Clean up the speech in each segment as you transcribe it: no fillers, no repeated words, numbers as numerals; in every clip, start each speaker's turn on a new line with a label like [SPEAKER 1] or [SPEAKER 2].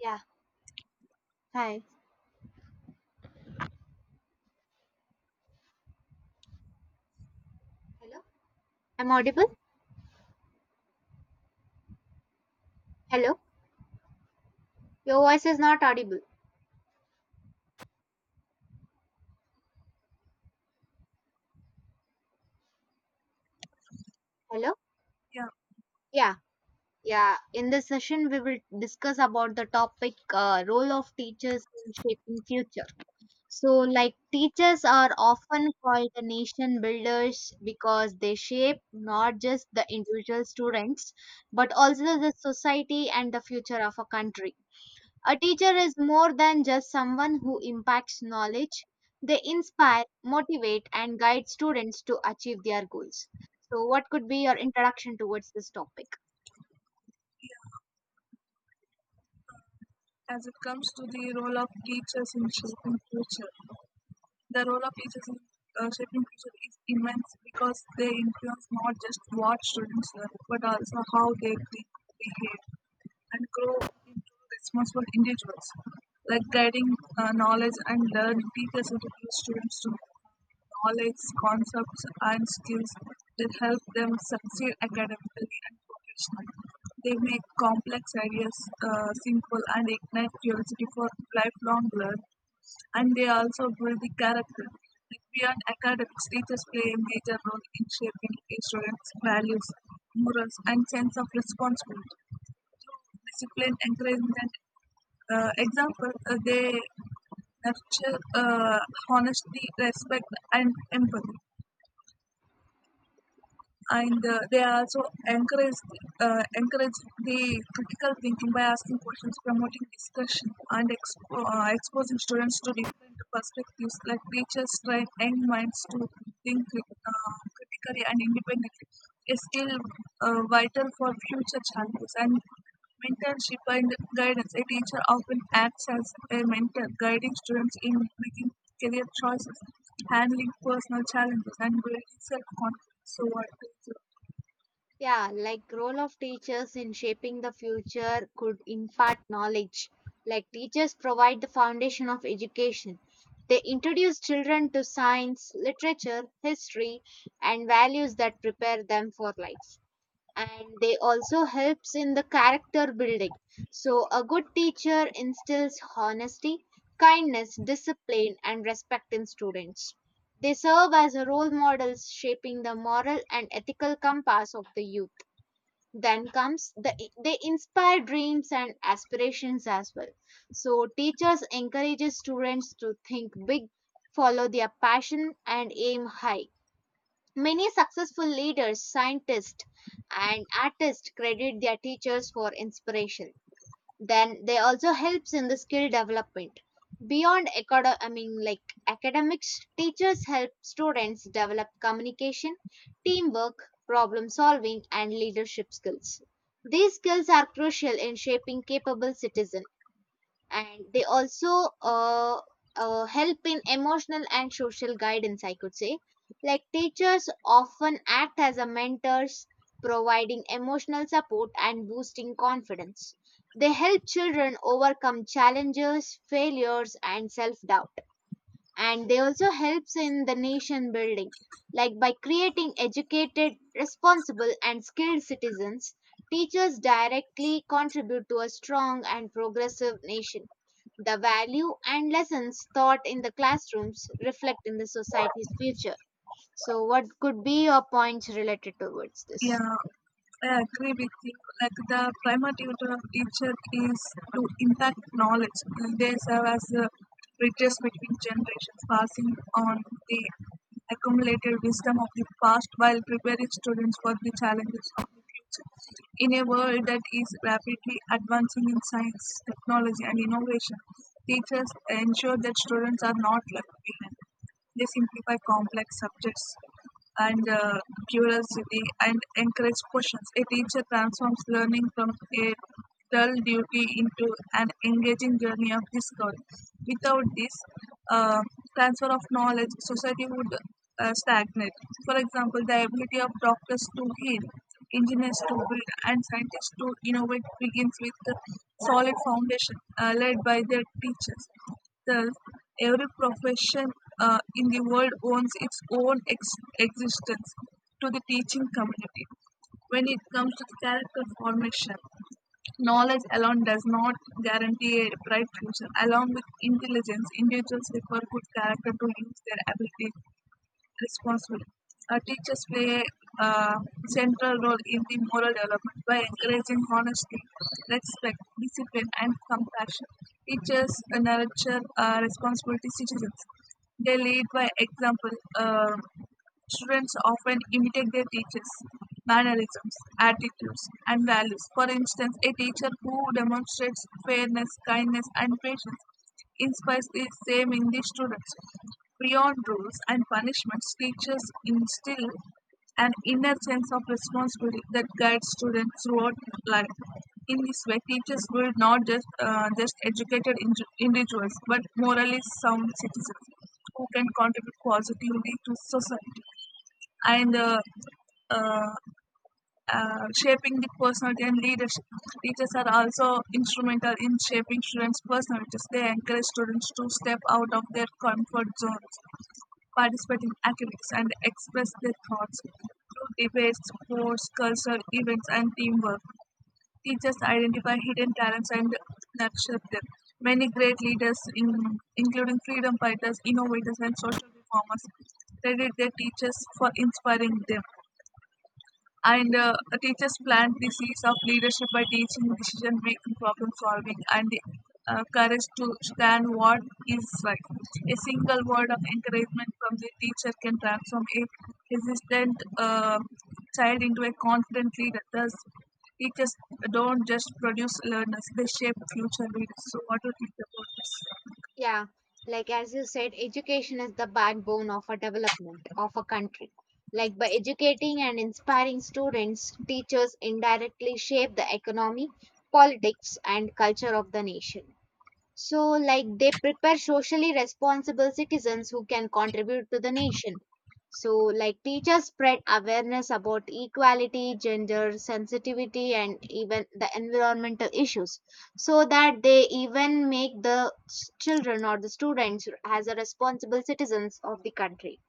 [SPEAKER 1] Yeah. Hi. Hello? I'm audible? Hello? Your voice is not audible. Hello?
[SPEAKER 2] Yeah,
[SPEAKER 1] Yeah. Yeah. In this session, we will discuss about the topic role of teachers in shaping future. So, like, teachers are often called the nation builders because they shape not just the individual students, but also the society and the future of a country. A teacher is more than just someone who impacts knowledge. They inspire, motivate, and guide students to achieve their goals. So, what could be your introduction towards this topic?
[SPEAKER 2] as it comes to the role of teachers in shaping future, the role of teachers in shaping future is immense because they influence not just what students learn, but also how they think, behave, and grow into responsible individuals. Like guiding knowledge and learning teachers introduce students to knowledge, concepts, and skills that help them succeed academically and professionally. They make complex ideas simple and ignite curiosity for lifelong learning. And they also build the character. Like beyond academics, teachers play a major role in shaping a students' values, morals, and sense of responsibility. Discipline, encouragement, example, they nurture honesty, respect, and empathy. And they also encourage encourage the critical thinking by asking questions, promoting discussion, and exposing students to different perspectives. Like teachers train young minds to think critically and independently, a skill vital for future challenges and mentorship and guidance. A teacher often acts as a mentor, guiding students in making career choices, handling personal challenges, and building self-confidence. So what is it?
[SPEAKER 1] Yeah, like, role of teachers in shaping the future could impart knowledge. Like teachers provide the foundation of education. They introduce children to science, literature, history, and values that prepare them for life. And they also helps in the character building. So a good teacher instills honesty, kindness, discipline, and respect in students. They serve as role models, shaping the moral and ethical compass of the youth. Then comes the, they inspire dreams and aspirations as well. So teachers encourages students to think big, follow their passion, and aim high. Many successful leaders, scientists, and artists credit their teachers for inspiration. Then they also helps in the skill development. I mean, like, academics, teachers help students develop communication, teamwork, problem solving, and leadership skills. These skills are crucial in shaping capable citizens. And they also help in emotional and social guidance, I could say. Like teachers often act as a mentors, providing emotional support and boosting confidence. They help children overcome challenges, failures, and self doubt. And they also helps in the nation building, like by creating educated, responsible, and skilled citizens. Teachers directly contribute to a strong and progressive nation. The value and lessons taught in the classrooms reflect in the society's future. So, what could be your points related towards this?
[SPEAKER 2] Yeah, I agree with you. Like the primary duty of teacher is to impact knowledge. And they serve as a bridges between generations, passing on the accumulated wisdom of the past while preparing students for the challenges in a world that is rapidly advancing in science, technology, and innovation, teachers ensure that students are not left behind. They simplify complex subjects and curiosity and encourage questions. A teacher transforms learning from a dull duty into an engaging journey of discovery. Without this uh, transfer of knowledge, society would stagnant. For example, the ability of doctors to heal, engineers to build, and scientists to innovate begins with a solid foundation led by their teachers. Thus, every profession in the world owns its own existence to the teaching community. When it comes to the character formation, knowledge alone does not guarantee a bright future. Along with intelligence, individuals require good character to use their abilities responsible. Teachers play a central role in the moral development by encouraging honesty, respect, discipline, and compassion. Teachers nurture responsibility citizens. They lead by example. Uh, Students often imitate their teachers' mannerisms, attitudes, and values. For instance, a teacher who demonstrates fairness, kindness, and patience inspires the same in the students. Beyond rules and punishments, teachers instill an inner sense of responsibility that guides students throughout life. In this way, teachers build not just educated individuals, but morally sound citizens who can contribute positively to society. And uh, Shaping the personality and leadership. Teachers are also instrumental in shaping students' personalities. They encourage students to step out of their comfort zones, participate in academics, and express their thoughts through debates, sports, cultural events, and teamwork. Teachers identify hidden talents and nurture them. Many great leaders, including freedom fighters, innovators, and social reformers, credit their teachers for inspiring them. And teachers plant the seeds of leadership by teaching decision making, problem solving, and the courage to stand what is right. A single word of encouragement from the teacher can transform a hesitant child into a confident leader. Thus, teachers don't just produce learners, they shape future leaders. So, what do you think about this?
[SPEAKER 1] Yeah, like, as you said, education is the backbone of a development of a country. Like by educating and inspiring students, teachers indirectly shape the economy, politics, and culture of the nation. So, like, they prepare socially responsible citizens who can contribute to the nation. So, like, teachers spread awareness about equality, gender sensitivity, and even the environmental issues, so that they even make the children or the students as a responsible citizens of the country.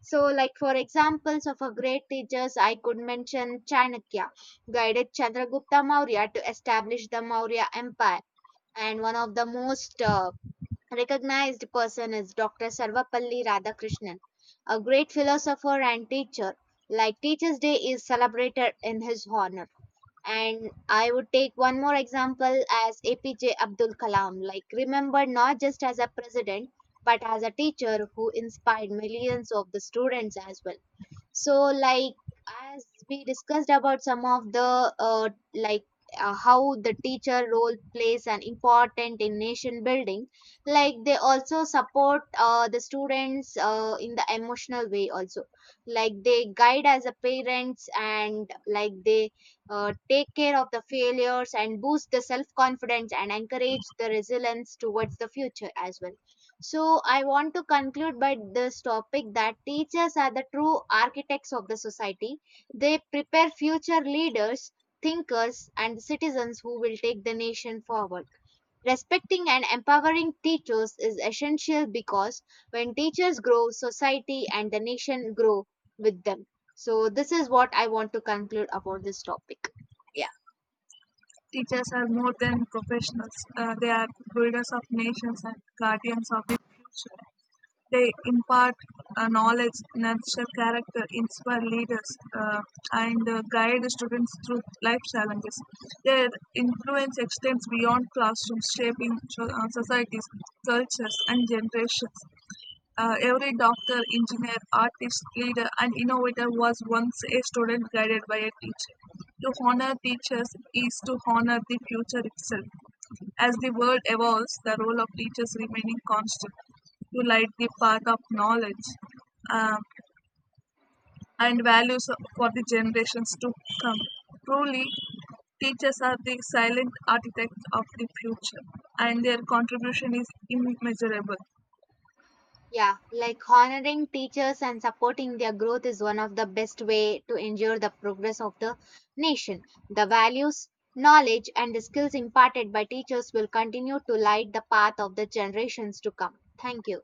[SPEAKER 1] So, like, for examples of a great teachers, I could mention Chanakya guided Chandragupta Maurya to establish the Maurya Empire. And one of the most recognized person is Dr. Sarvapalli Radhakrishnan, a great philosopher and teacher. Like Teachers' Day is celebrated in his honor. And I would take one more example as APJ Abdul Kalam, like, remembered not just as a president, but as a teacher who inspired millions of the students as well. So like, as we discussed about some of the how the teacher role plays an important in nation building. Like they also support the students in the emotional way also. Like they guide as a parents, and like they take care of the failures and boost the self confidence and encourage the resilience towards the future as well. So I want to conclude by this topic that teachers are the true architects of the society. They prepare future leaders, thinkers, and citizens who will take the nation forward. Respecting and empowering teachers is essential because when teachers grow, society and the nation grow with them. So this is what I want to conclude about this topic. Yeah.
[SPEAKER 2] Teachers are more than professionals, they are builders of nations and guardians of the future. They impart knowledge, nurture character, inspire leaders, uh, and guide students through life challenges. Their influence extends beyond classrooms, shaping societies, cultures, and generations. Every doctor, engineer, artist, leader, and innovator was once a student guided by a teacher. To honor teachers is to honor the future itself. As the world evolves, the role of teachers remaining constant to light the path of knowledge um, and values for the generations to come. Truly, teachers are the silent architects of the future, and their contribution is immeasurable.
[SPEAKER 1] Yeah, like, honoring teachers and supporting their growth is one of the best way to ensure the progress of the nation. The values, knowledge, and the skills imparted by teachers will continue to light the path of the generations to come. Thank you.